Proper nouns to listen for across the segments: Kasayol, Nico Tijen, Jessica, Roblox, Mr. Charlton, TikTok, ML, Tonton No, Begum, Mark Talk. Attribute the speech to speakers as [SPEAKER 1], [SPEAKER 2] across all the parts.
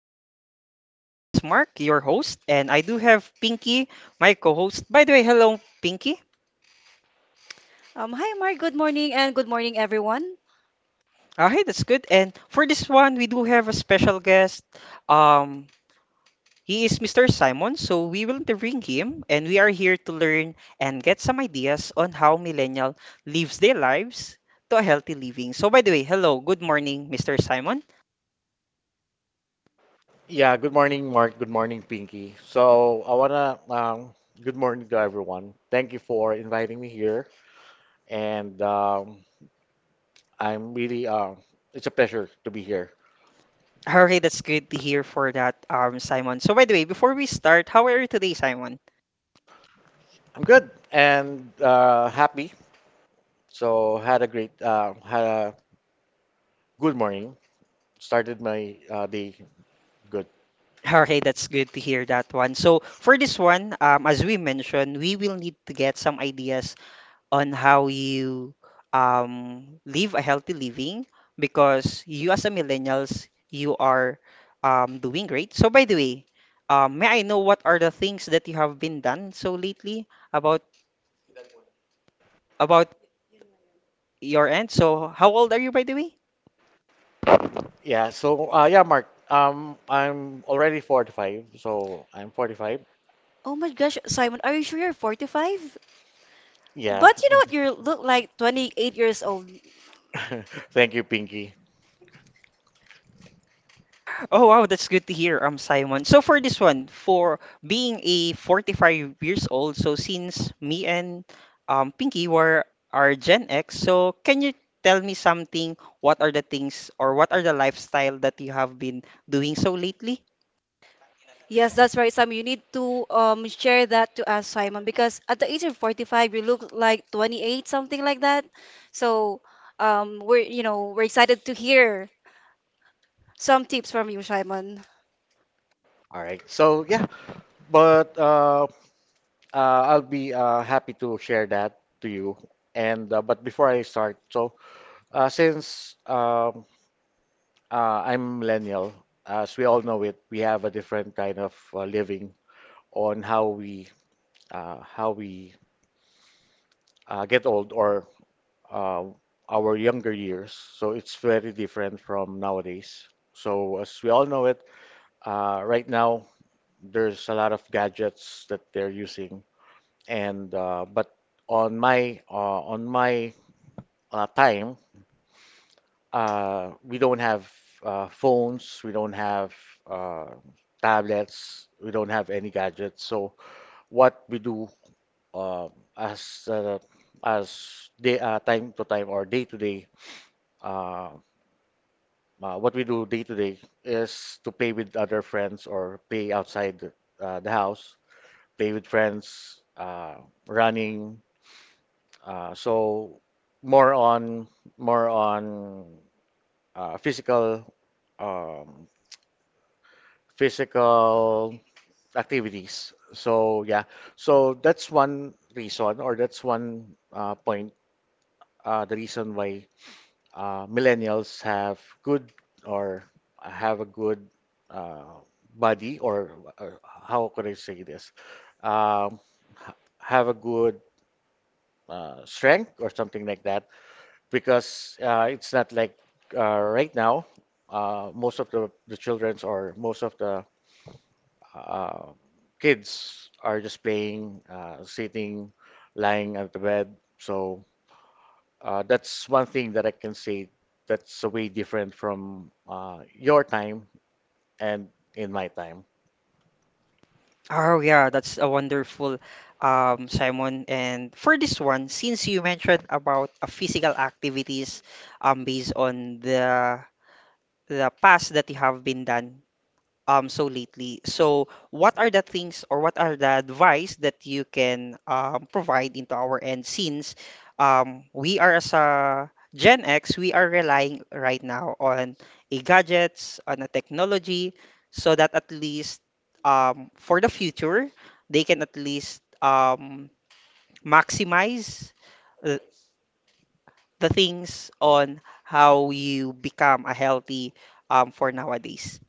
[SPEAKER 1] I am here. My name is Mark, your host, and I do have Pinky, my co-host. By the way, hello, Pinky.
[SPEAKER 2] Hi, Mark. Good morning, and good morning, everyone.
[SPEAKER 1] Hey, that's good. And for this one, we do have a special guest. Um, he is Mr. Simon, so we will interviewing him, and we are here to learn and get some ideas on how millennial lives their lives to a healthy living. So, by the way, hello, good morning, Mr. Simon.
[SPEAKER 3] Yeah, good morning, Mark. Good morning, Pinky. So I wanna Good morning to everyone. Thank you for inviting me here, and I'm really it's a pleasure to be here.
[SPEAKER 1] Okay, that's good to hear for that, Simon. So, by the way, before we start, how are you today, Simon?
[SPEAKER 3] I'm good and happy. So had a good morning. Started my day good.
[SPEAKER 1] Okay, that's good to hear that one. So for this one, as we mentioned, we will need to get some ideas on how you live a healthy living because you as a millennials, you are doing great. So by the way, may I know what are the things that you have been done so lately about about your end? So how old are you by the way?
[SPEAKER 3] Yeah. So yeah, Mark. I'm already 45, so I'm 45.
[SPEAKER 2] Oh my gosh, Simon, are you sure you're 45?
[SPEAKER 3] Yeah.
[SPEAKER 2] But you know what? You look like 28 years old.
[SPEAKER 3] Thank you, Pinky.
[SPEAKER 1] Oh wow, that's good to hear, Simon. So for this one, for being a 45 years old, so since me and Pinky were are Gen X, so can you tell me something? What are the things or what are the lifestyle that you have been doing so lately?
[SPEAKER 2] Yes, that's right, Simon. You need to share that to us, Simon, because at the age of 45, you look like 28, something like that. So, we're we're excited to hear some tips from you, Simon.
[SPEAKER 3] All right. So yeah, but I'll be happy to share that to you. And But before I start, so since I'm millennial. As we all know it, we have a different kind of living on how we get old or uh, our younger years. So it's very different from nowadays. So as we all know it, right now there's a lot of gadgets that they're using, and but on my time, we don't have phones, we don't have uh, tablets, we don't have any gadgets. So what we do uh, as uh, as day time to time or day to day, uh, uh, what we do day to day is to play with other friends or play outside the house, play with friends, running. So more on more on physical um, physical activities. So yeah, so that's one reason, or that's one point, the reason why millennials have good or have a good uh, body, or how could I say this? Um, have a good strength or something like that, because it's not like right now. Most of the children's, or most of the uh, kids are just playing, sitting, lying at the bed. So that's one thing that I can say that's way different from your time and in my time.
[SPEAKER 1] Oh yeah, that's a wonderful Simon. And for this one, since you mentioned about physical activities based on the past that you have been done so lately. So what are the things or what are the advice that you can provide into our end since we are as a Gen X, we are relying right now on a gadgets, on a technology, so that at least for the future, they can at least maximize the, the things on how you become a healthy for nowadays.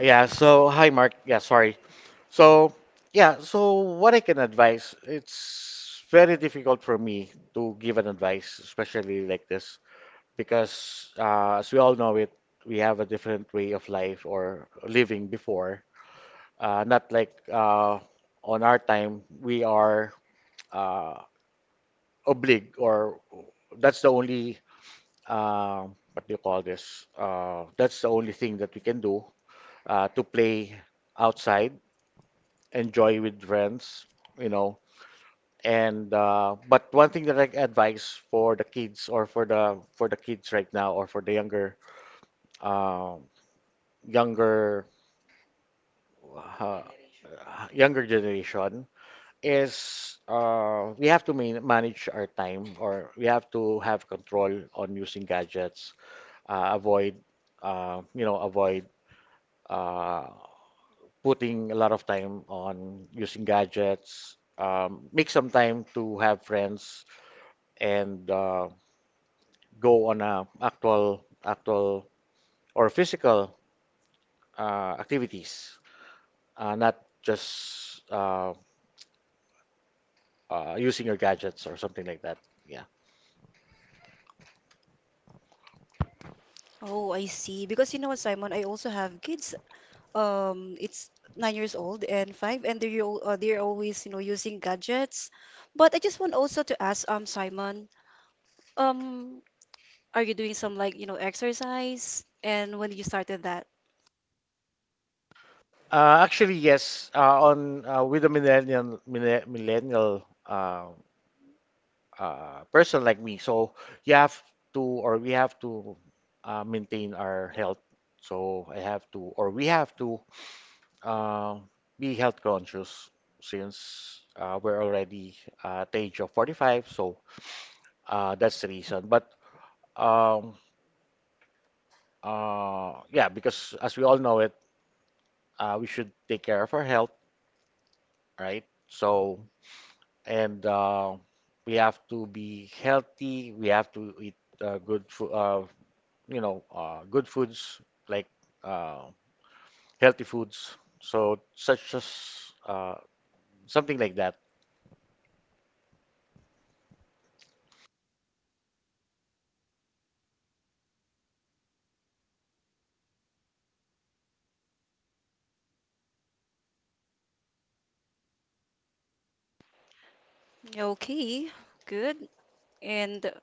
[SPEAKER 3] Yeah, so hi, Mark. Yeah, sorry. So, yeah, so what I can advise, it's very difficult for me to give an advice, especially like this, because as we all know it, we have a different way of life or living before. Not like on our time, we are uh, obliged, or that's the only, uh, what do you call this? That's the only thing that we can do to play outside, enjoy with friends, you know. And but one thing that I advise for the kids, or for the kids right now, or for the uh, younger uh, younger generation is, we have to manage our time, or we have to have control on using gadgets, avoid, you know, avoid uh, putting a lot of time on using gadgets, make some time to have friends, and go on actual or physical activities, not just using your gadgets or something like that. Yeah.
[SPEAKER 2] Oh, I see. Because you know what, Simon, I also have kids. It's 9 years old and five, and they're always using gadgets. But I just want also to ask, Simon, um are you doing some, like, exercise, and when you started that?
[SPEAKER 3] Actually, yes. On with a millennial person like me, so you have to or we have to maintain our health. So I have to or we have to uh, be health conscious since we're already at the age of 45. So that's the reason. But um, yeah, because as we all know it, we should take care of our health, right? So and we have to be healthy. We have to eat good food, you know, good foods like uh, healthy foods. So such as uh, something like that.
[SPEAKER 2] Okay, good. And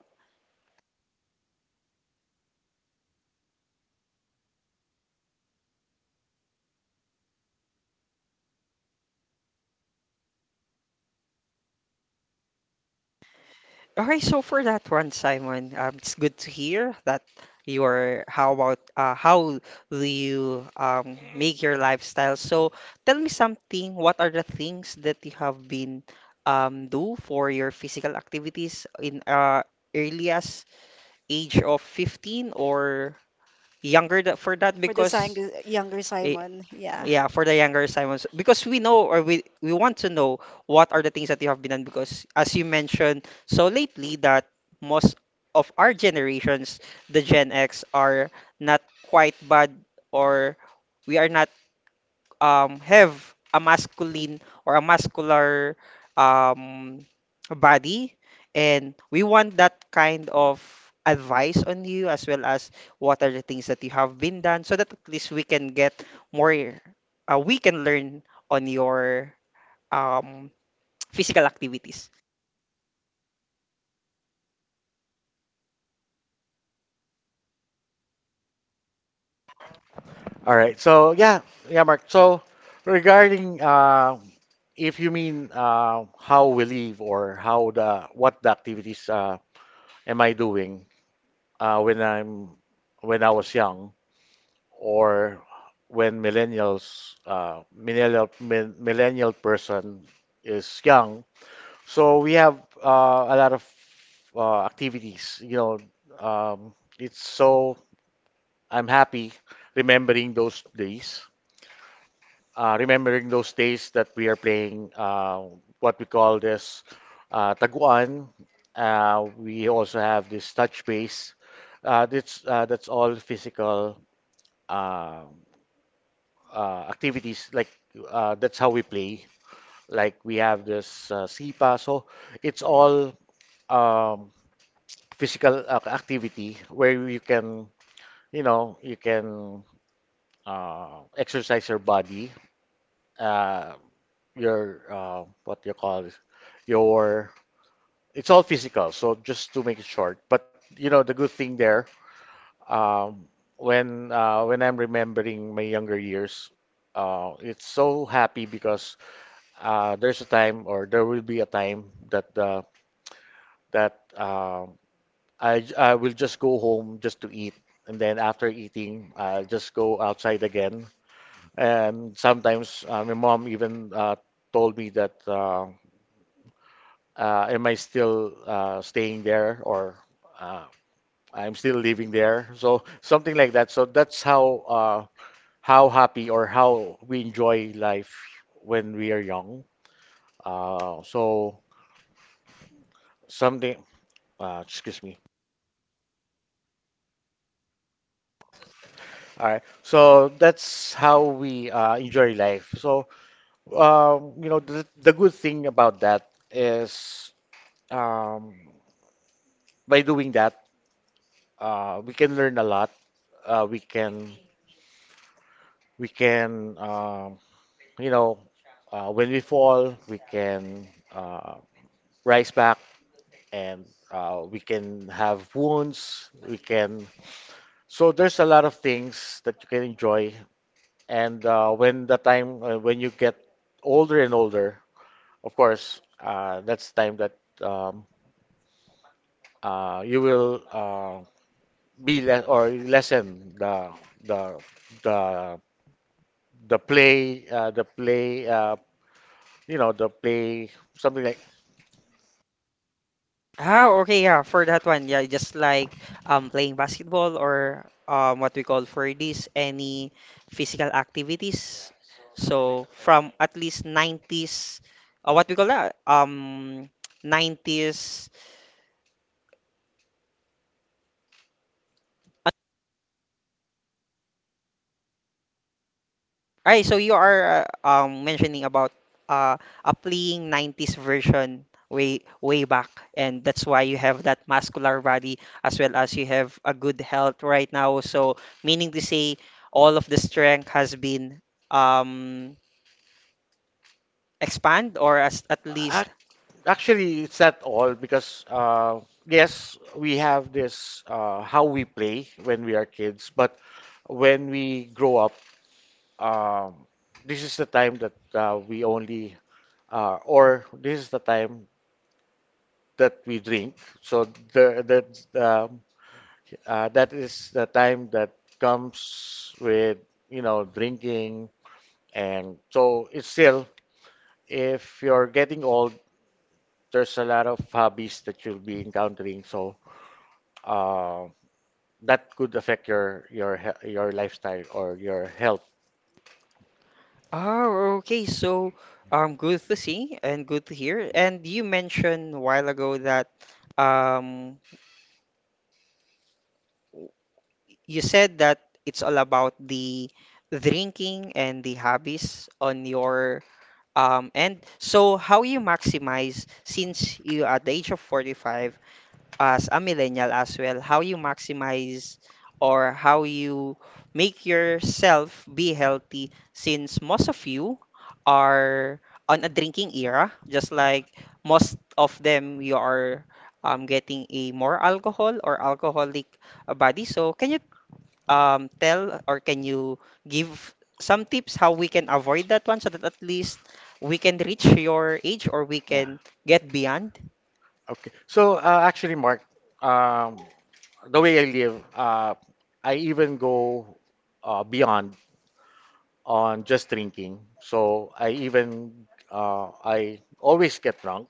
[SPEAKER 1] Okay, so for that one, Simon, it's good to hear that your how about how do you make your lifestyle? So tell me something. What are the things that you have been do for your physical activities in earliest age of 15 or for that because
[SPEAKER 2] younger
[SPEAKER 1] eh,
[SPEAKER 2] Simon, yeah.
[SPEAKER 1] yeah for the younger Simons because we know or we want to know what are the things that you have been done because as you mentioned so lately that most of our generations the Gen X are not quite bad or we are not have a masculine or a muscular um, body. And we want that kind of advice on you as well as what are the things that you have been done so that at least we can get more, we can learn on your um, physical activities.
[SPEAKER 3] All right. So yeah, Mark. So regarding if you mean how we live, or how the what the activities am I doing uh, when I'm when I was young, or when millennial person is young. So we have a lot of activities. You know, it's so, I'm happy remembering those days. Remembering those days that we are playing what we call this, taguan. We also have this touch base. That's that's all physical. Uh, Activities like that's how we play. Like we have this SIPA, so it's all um, physical activity where you can, you know, you can exercise your body, uh, your what you call this, your, it's all physical. So just to make it short, but you know the good thing there. Um, when I'm remembering my younger years, it's so happy, because there's a time, or there will be a time that that um, I will just go home just to eat, and then after eating, I'll just go outside again. And sometimes my mom even told me that am I still staying there, or uh, I'm still living there? So something like that. So that's how happy or how we enjoy life when we are young. So something Excuse me. All right. So that's how we enjoy life. So, you know, the good thing about that is, um, by doing that, we can learn a lot. Uh, we can, we can, you know, when we fall, we can uh, rise back, and we can have wounds. We can, so there's a lot of things that you can enjoy. And when the time when you get older and older, of course, that's the time that um, you will be less, or lessen the the the play, you know, the play, something like
[SPEAKER 1] Ah, okay, yeah, for that one, yeah, just like playing basketball or what we call for this any physical activities. So from at least 90s, what we call that 90s. All right, so you are mentioning about applying 90s version way way back, and that's why you have that muscular body as well as you have a good health right now. So meaning to say all of the strength has been um expand or as, at least.
[SPEAKER 3] ac- actually it's not all, because yes, we have this how we play when we are kids, but when we grow up, um, this is the time that we only or this is the time that we drink. So the, that that is the time that comes with, you know, drinking, and so it's still, if you're getting old, there's a lot of hobbies that you'll be encountering. So uh, that could affect your lifestyle or your health.
[SPEAKER 1] Oh, okay. So good to see and good to hear. And you mentioned a while ago that um you said that it's all about the drinking and the hobbies on your end. So how you maximize since you at the age of 45 as a millennial as well, how you maximize or how you make yourself be healthy since most of you are on a drinking era, just like most of them you are getting a more alcohol or alcoholic a body. So, can you tell or can you give some tips how we can avoid that one so that at least we can reach your age or we
[SPEAKER 3] Yeah.
[SPEAKER 1] can get beyond?
[SPEAKER 3] Okay. So actually, Mark, um, the way I live, I even go beyond on just drinking. So I even I always get drunk.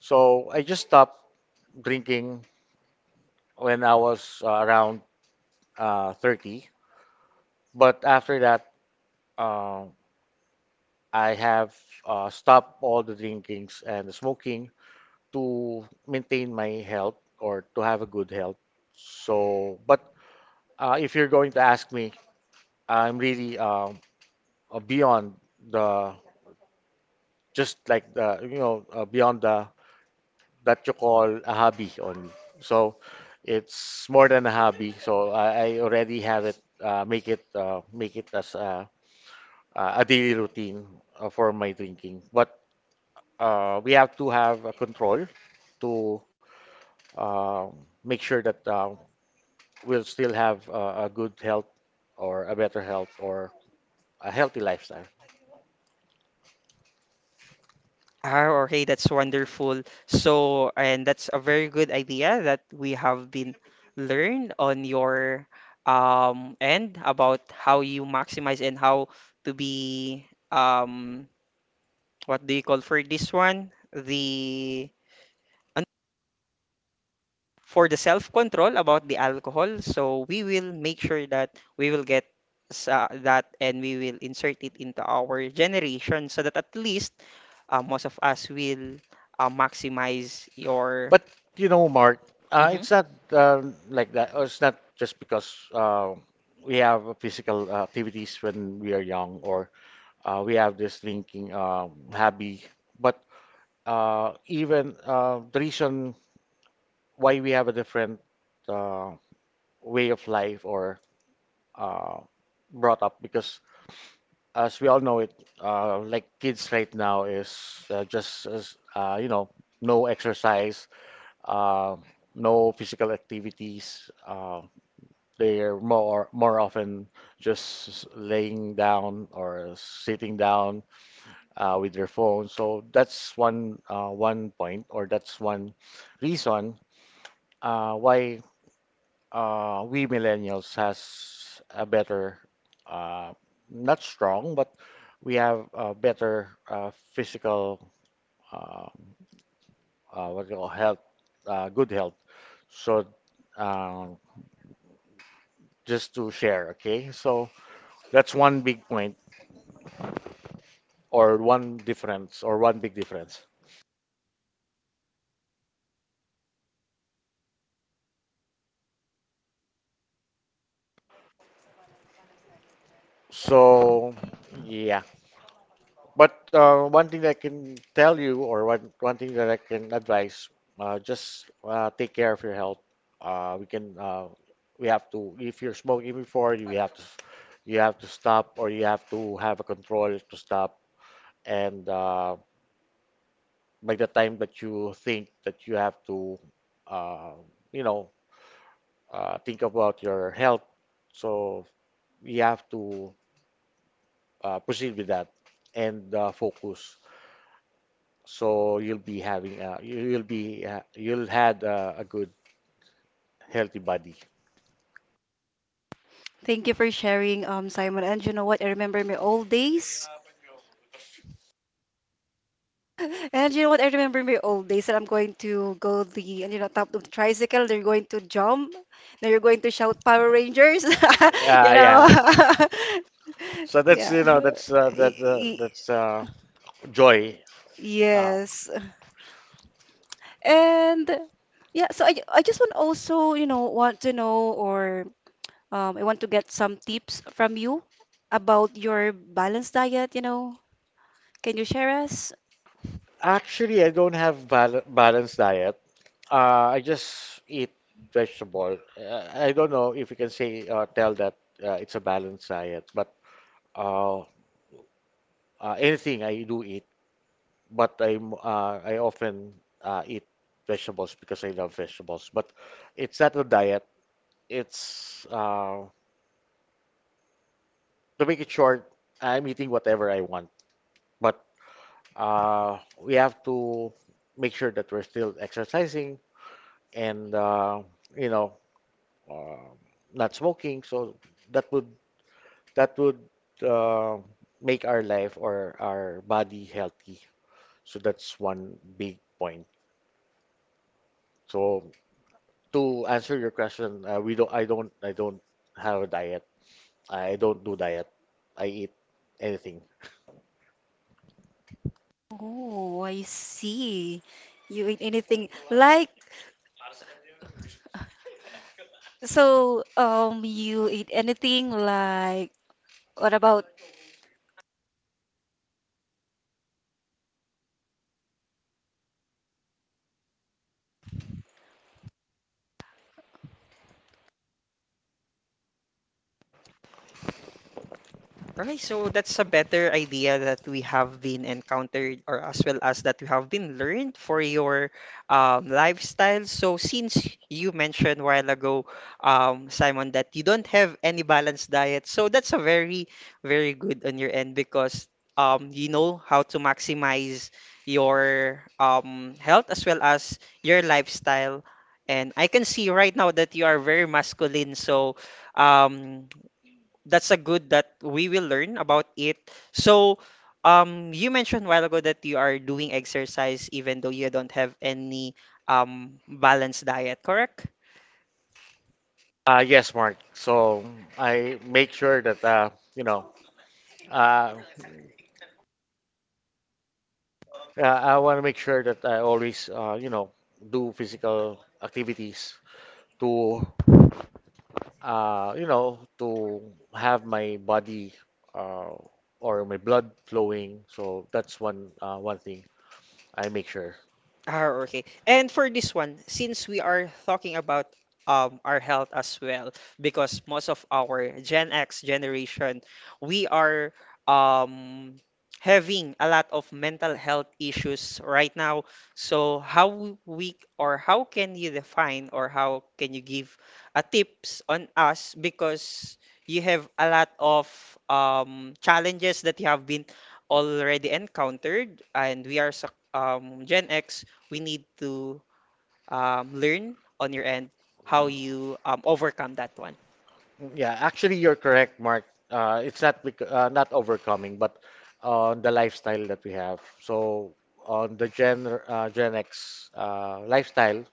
[SPEAKER 3] So I just stopped drinking when I was around 30. But after that, uh, I have stopped all the drinkings and the smoking to maintain my health, or to have a good health. So, but if you're going to ask me, I'm really beyond the, just like the, you know, beyond the, that you call a hobby only. So it's more than a hobby. So I already have it, make it as a daily routine for my drinking. But we have to have a control to uh, make sure that we'll still have a good health, or a better health, or a healthy lifestyle.
[SPEAKER 1] Ah, okay, that's wonderful. So, and that's a very good idea that we have been learned on your end about how you maximize and how to be what do you call for this one? The for the self-control about the alcohol. So we will make sure that we will get sa that and we will insert it into our generation so that at least most of us will maximize your.
[SPEAKER 3] But you know, Mark,
[SPEAKER 1] Mhm.
[SPEAKER 3] it's not like that. Or it's not just because we have a physical activities when we are young, or we have this drinking hobby. But even the reason why we have a different uh, way of life, or uh, brought up, because as we all know it, like kids right now is just as, you know, no exercise, uh, no physical activities. They're more often just laying down or sitting down with their phone. So that's one one point, or that's one reason why we millennials has a better, uh, not strong, but we have a better physical, uh, what do you call, health, good health. So uh, just to share, okay? So that's one big point, or one difference, or one big difference. So yeah, but one thing that I can tell you, or one thing that I can advise, just take care of your health. Uh, we can uh, we have to, if you're smoking before, you have to stop, or you have to have a control to stop, and by the time that you think that you have to, uh, you know, think about your health. So you have to proceed with that, and focus. So you'll be having you- you'll be you'll had a good healthy body.
[SPEAKER 2] Thank you for sharing, Simon. And you know what? I remember my old days. And you know what? I remember my old days, that I'm going to go the, and you know, top of the tricycle. They're going to jump. Now you're going to shout Power Rangers. You
[SPEAKER 3] Yeah,
[SPEAKER 2] know.
[SPEAKER 3] yeah. So that's,
[SPEAKER 2] Yeah.
[SPEAKER 3] you know,
[SPEAKER 2] Y- y-
[SPEAKER 3] that's joy. Uh,
[SPEAKER 2] Yes. And yeah, so I just want also, want to know, or I want to get some tips from you about your balanced diet. You know, can you share us?
[SPEAKER 3] actually, I don't have balanced diet. I just eat vegetable. I don't know if you can say tell that it's a balanced diet, but uh, anything I do eat. But I often eat vegetables because I love vegetables. But it's not a diet. It's to make it short, I'm eating whatever I want. But we have to make sure that we're still exercising and you know uh, not smoking. So that would that would uh, make our life or our body healthy. So that's one big point. So To answer your question, we don't. I don't. I don't have a diet. I don't do diet. I eat anything.
[SPEAKER 2] Oh, I see. You eat anything like? So, you eat anything like what about?
[SPEAKER 1] Okay, so that's a better idea that we have been encountered or as well as that we have been learned for your lifestyle. So since you mentioned a while ago, Simon, that you don't have any balanced diet, so that's a very, very good on your end because you know how to maximize your health as well as your lifestyle. And I can see right now that you are very masculine, so um that's a good that we will learn about it. So, you mentioned a while ago that you are doing exercise even though you don't have any balanced diet, correct?
[SPEAKER 3] Yes, Mark. So I make sure that you know. Uh, I want to make sure that I always do physical activities to to have my body uh, or my blood flowing. So that's one thing I make sure.
[SPEAKER 1] Ah, okay. And for this one, since we are talking about our health as well, because most of our Gen X generation, we are um having a lot of mental health issues right now. So how we or how can you define or how can you give a tips on us because you have a lot of challenges that you have been already encountered and we are Gen X we need to learn on your end how you overcome that one.
[SPEAKER 3] Yeah, actually, you're correct, Mark. It's not overcoming, but on the lifestyle that we have. So on the Gen X lifestyle,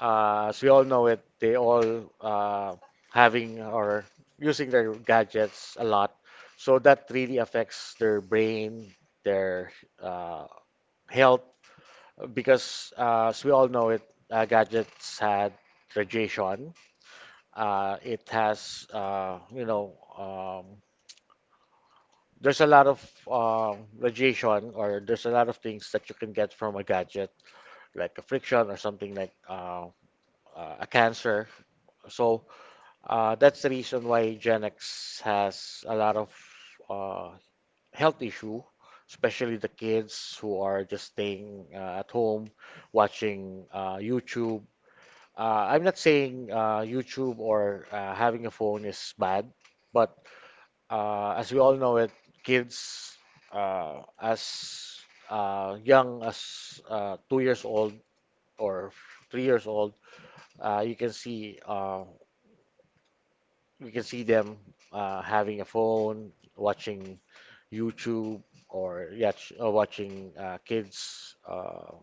[SPEAKER 3] as we all know it, they all having or using their gadgets a lot. So that really affects their brain, their uh, health, because as we all know it, gadgets had radiation. It has, there's a lot of radiation, or there's a lot of things that you can get from a gadget, like a friction or something like a cancer. So that's the reason why Gen X has a lot of uh, health issue, especially the kids who are just staying at home watching YouTube. I'm not saying YouTube or having a phone is bad, but as we all know it, kids as young as 2 years old or 3 years old, uh, you can see uh, you can see them having a phone, watching YouTube or yeah, watching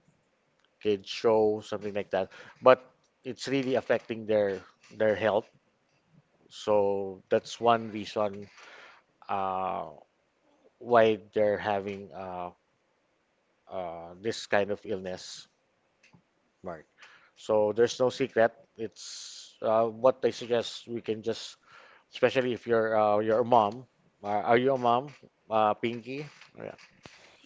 [SPEAKER 3] kids show something like that. But it's really affecting their health. So that's one reason uh, why they're having this kind of illness, Mark. So there's no secret. It's what I suggest we can just, especially if you're a mom. Are you a mom, Pinky? Yeah.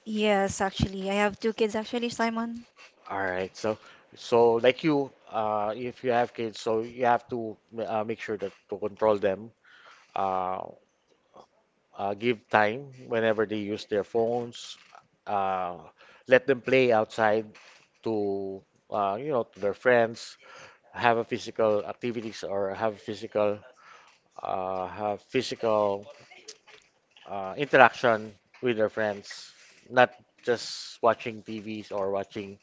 [SPEAKER 2] Yes, actually, I have two kids actually, Simon.
[SPEAKER 3] All right. So, so like you, if you have kids, so you have to make sure that to control them. Uh, Give time whenever they use their phones. Uh, Let them play outside to to their friends. Have a physical activities or have physical interaction with their friends, not just watching TVs or watching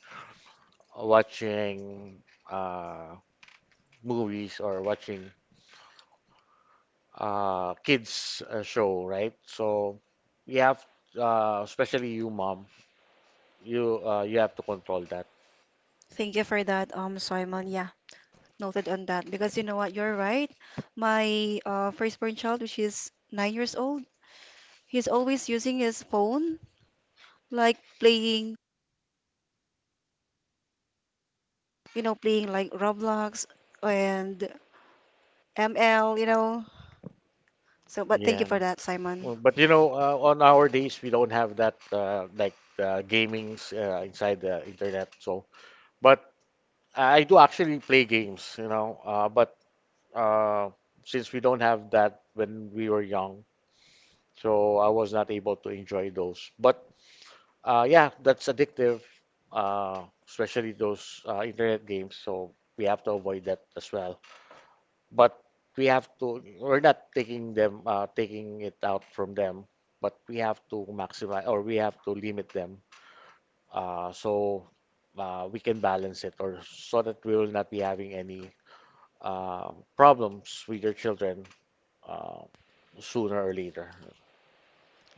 [SPEAKER 3] watching uh, movies or watching kids show, right? So you have, especially you, mom, you have to control that.
[SPEAKER 2] Thank you for that, Simon. Yeah, noted on that, because you know what, you're right. My firstborn child, which is 9 years old, he's always using his phone, like playing, you know, playing like Roblox and ML, you know. So, but thank you
[SPEAKER 3] Yeah,
[SPEAKER 2] for that, Simon.
[SPEAKER 3] well, but you know, on our days we don't have that gamings inside the internet, so. But I do actually play games, you know. But uh, since we don't have that when we were young, so I was not able to enjoy those. But yeah, that's addictive, uh, especially those internet games. So we have to avoid that as well. But we have to. We're not taking them, taking it out from them. But we have to maximize, or we have to limit them, so we can balance it, or so that we will not be having any problems with your children uh, sooner or later.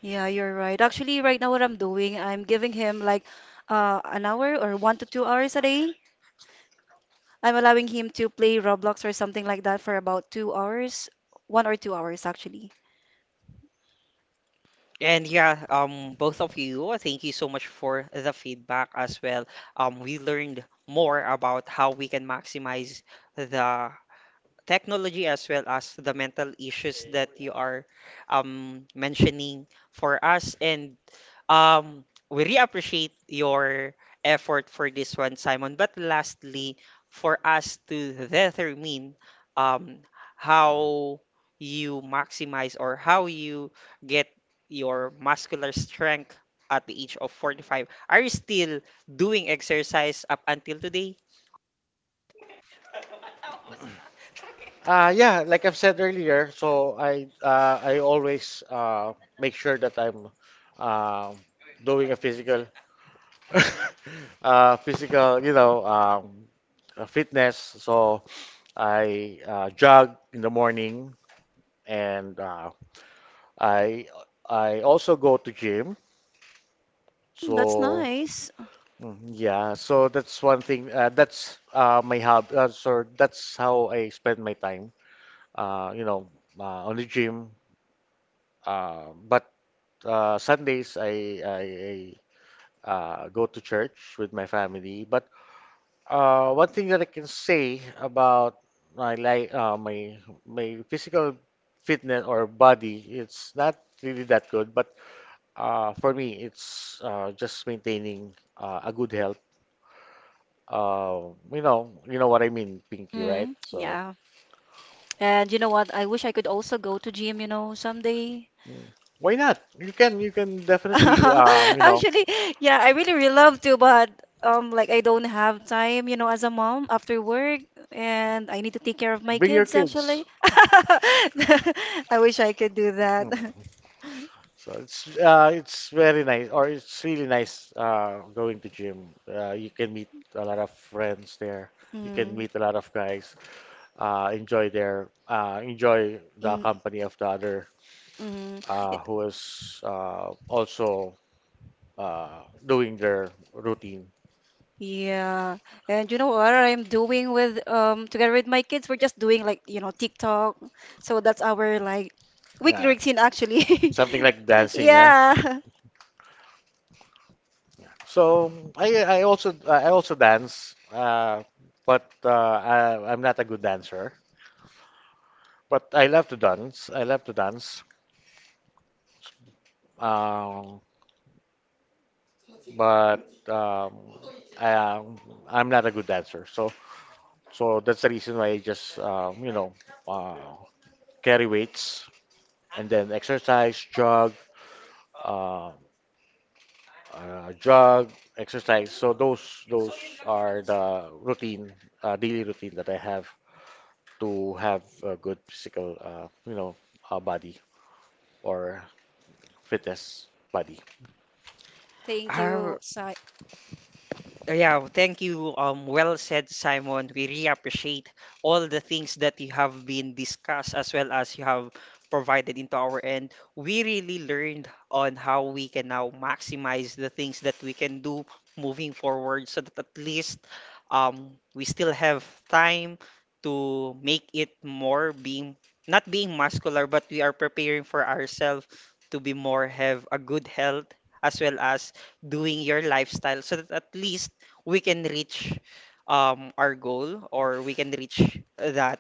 [SPEAKER 2] Yeah, you're right. Actually, right now, what I'm doing, I'm giving him like an hour, or 1 to 2 hours a day. I'm allowing him to play Roblox or something like that for about 2 hours, 1 or 2 hours actually.
[SPEAKER 1] And yeah, both of you, thank you so much for the feedback as well. We learned more about how we can maximize the technology as well as the mental issues that you are mentioning for us. And Um, we really appreciate your effort for this one, Simon. But lastly, for us to determine um, how you maximize or how you get your muscular strength at the age of 45, are you still doing exercise up until today?
[SPEAKER 3] Yeah, like I've said earlier, so I always make sure that I'm um doing a physical physical, fitness. So I jog in the morning, and I I also go to gym.
[SPEAKER 2] Mm, that's
[SPEAKER 3] So
[SPEAKER 2] nice.
[SPEAKER 3] mm, yeah, so that's one thing. That's my hobby. So that's how I spend my time. Uh, you know, on the gym. But Sundays I go to church with my family. But one thing that I can say about my my my physical fitness or body, it's not really that good. But for me, it's just maintaining a good health. You know what I mean, Pinky, right?
[SPEAKER 2] Mm,
[SPEAKER 3] So
[SPEAKER 2] yeah. And you know what? I wish I could also go to gym, you know, someday.
[SPEAKER 3] mm, why not? You can definitely,
[SPEAKER 2] Actually, yeah, I really, really love to, but like, I don't have time, you know, as a mom after work, and I need to take care of my
[SPEAKER 3] bring your
[SPEAKER 2] kids, actually.
[SPEAKER 3] kids.
[SPEAKER 2] I wish I could do that.
[SPEAKER 3] Mm. So it's very nice, or it's really nice going to gym. You can meet a lot of friends there. You can
[SPEAKER 2] Mm,
[SPEAKER 3] meet a lot of guys. Enjoy the
[SPEAKER 2] mm,
[SPEAKER 3] company of the other
[SPEAKER 2] mm. Y-
[SPEAKER 3] who is also doing their routine.
[SPEAKER 2] Yeah. And you know what I'm doing with, together with my kids, we're just doing, like, you know, TikTok. So that's our like weekly
[SPEAKER 3] Yeah.
[SPEAKER 2] routine actually.
[SPEAKER 3] Something like dancing, yeah.
[SPEAKER 2] Yeah.
[SPEAKER 3] So I also dance, but I, I'm not a good dancer. But I love to dance. I love to dance. Um, but um, I, um, I'm not a good dancer. So so that's the reason why I just uh, carry weights and then exercise, jog, um jog, exercise. So those are the routine, daily routine that I have to have a good physical, body or fitness body.
[SPEAKER 2] Thank you, Si.
[SPEAKER 1] Yeah, well, thank you. Well said, Simon. We really appreciate all the things that you have been discussed as well as you have provided into our end. We really learned on how we can now maximize the things that we can do moving forward so that at least we still have time to make it more being not being muscular, but we are preparing for ourselves to be more have a good health as well as doing your lifestyle so that at least we can reach our goal or we can reach that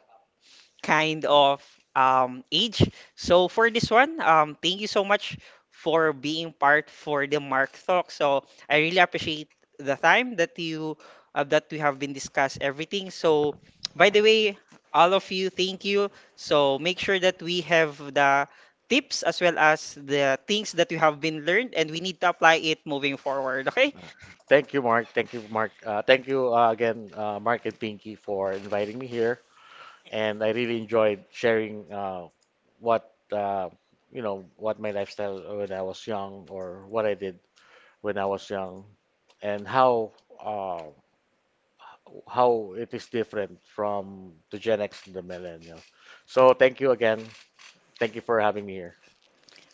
[SPEAKER 1] kind of age. So for this one, thank you so much for being part for the Mark Talk. So I really appreciate the time that you that we have been discuss everything. So by the way, all of you, thank you. So make sure that we have the tips as well as the things that we have been learned and we need to apply it moving forward. Okay.
[SPEAKER 3] Uh, Thank you, Mark. Thank you, Mark. Thank you again, Mark and Pinky, for inviting me here. And I really enjoyed sharing what uh, what my lifestyle when I was young, or what I did when I was young, and uh, how it is different from the Gen X and the millennial. So thank you again. Thank you for having me here.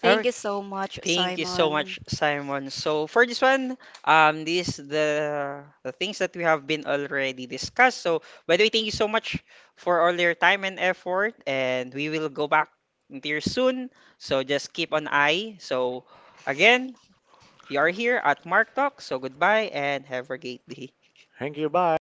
[SPEAKER 2] Thank
[SPEAKER 1] Okay.
[SPEAKER 2] you so much,
[SPEAKER 1] Thank you so much,
[SPEAKER 2] Simon.
[SPEAKER 1] Simon. So for this one, these the things that we have been already discussed. So by the way, thank you so much for all your time and effort, and we will go back here soon. So just keep an eye. So again, you are here at Mark Talk. So goodbye and have a great day.
[SPEAKER 3] Thank you. Bye.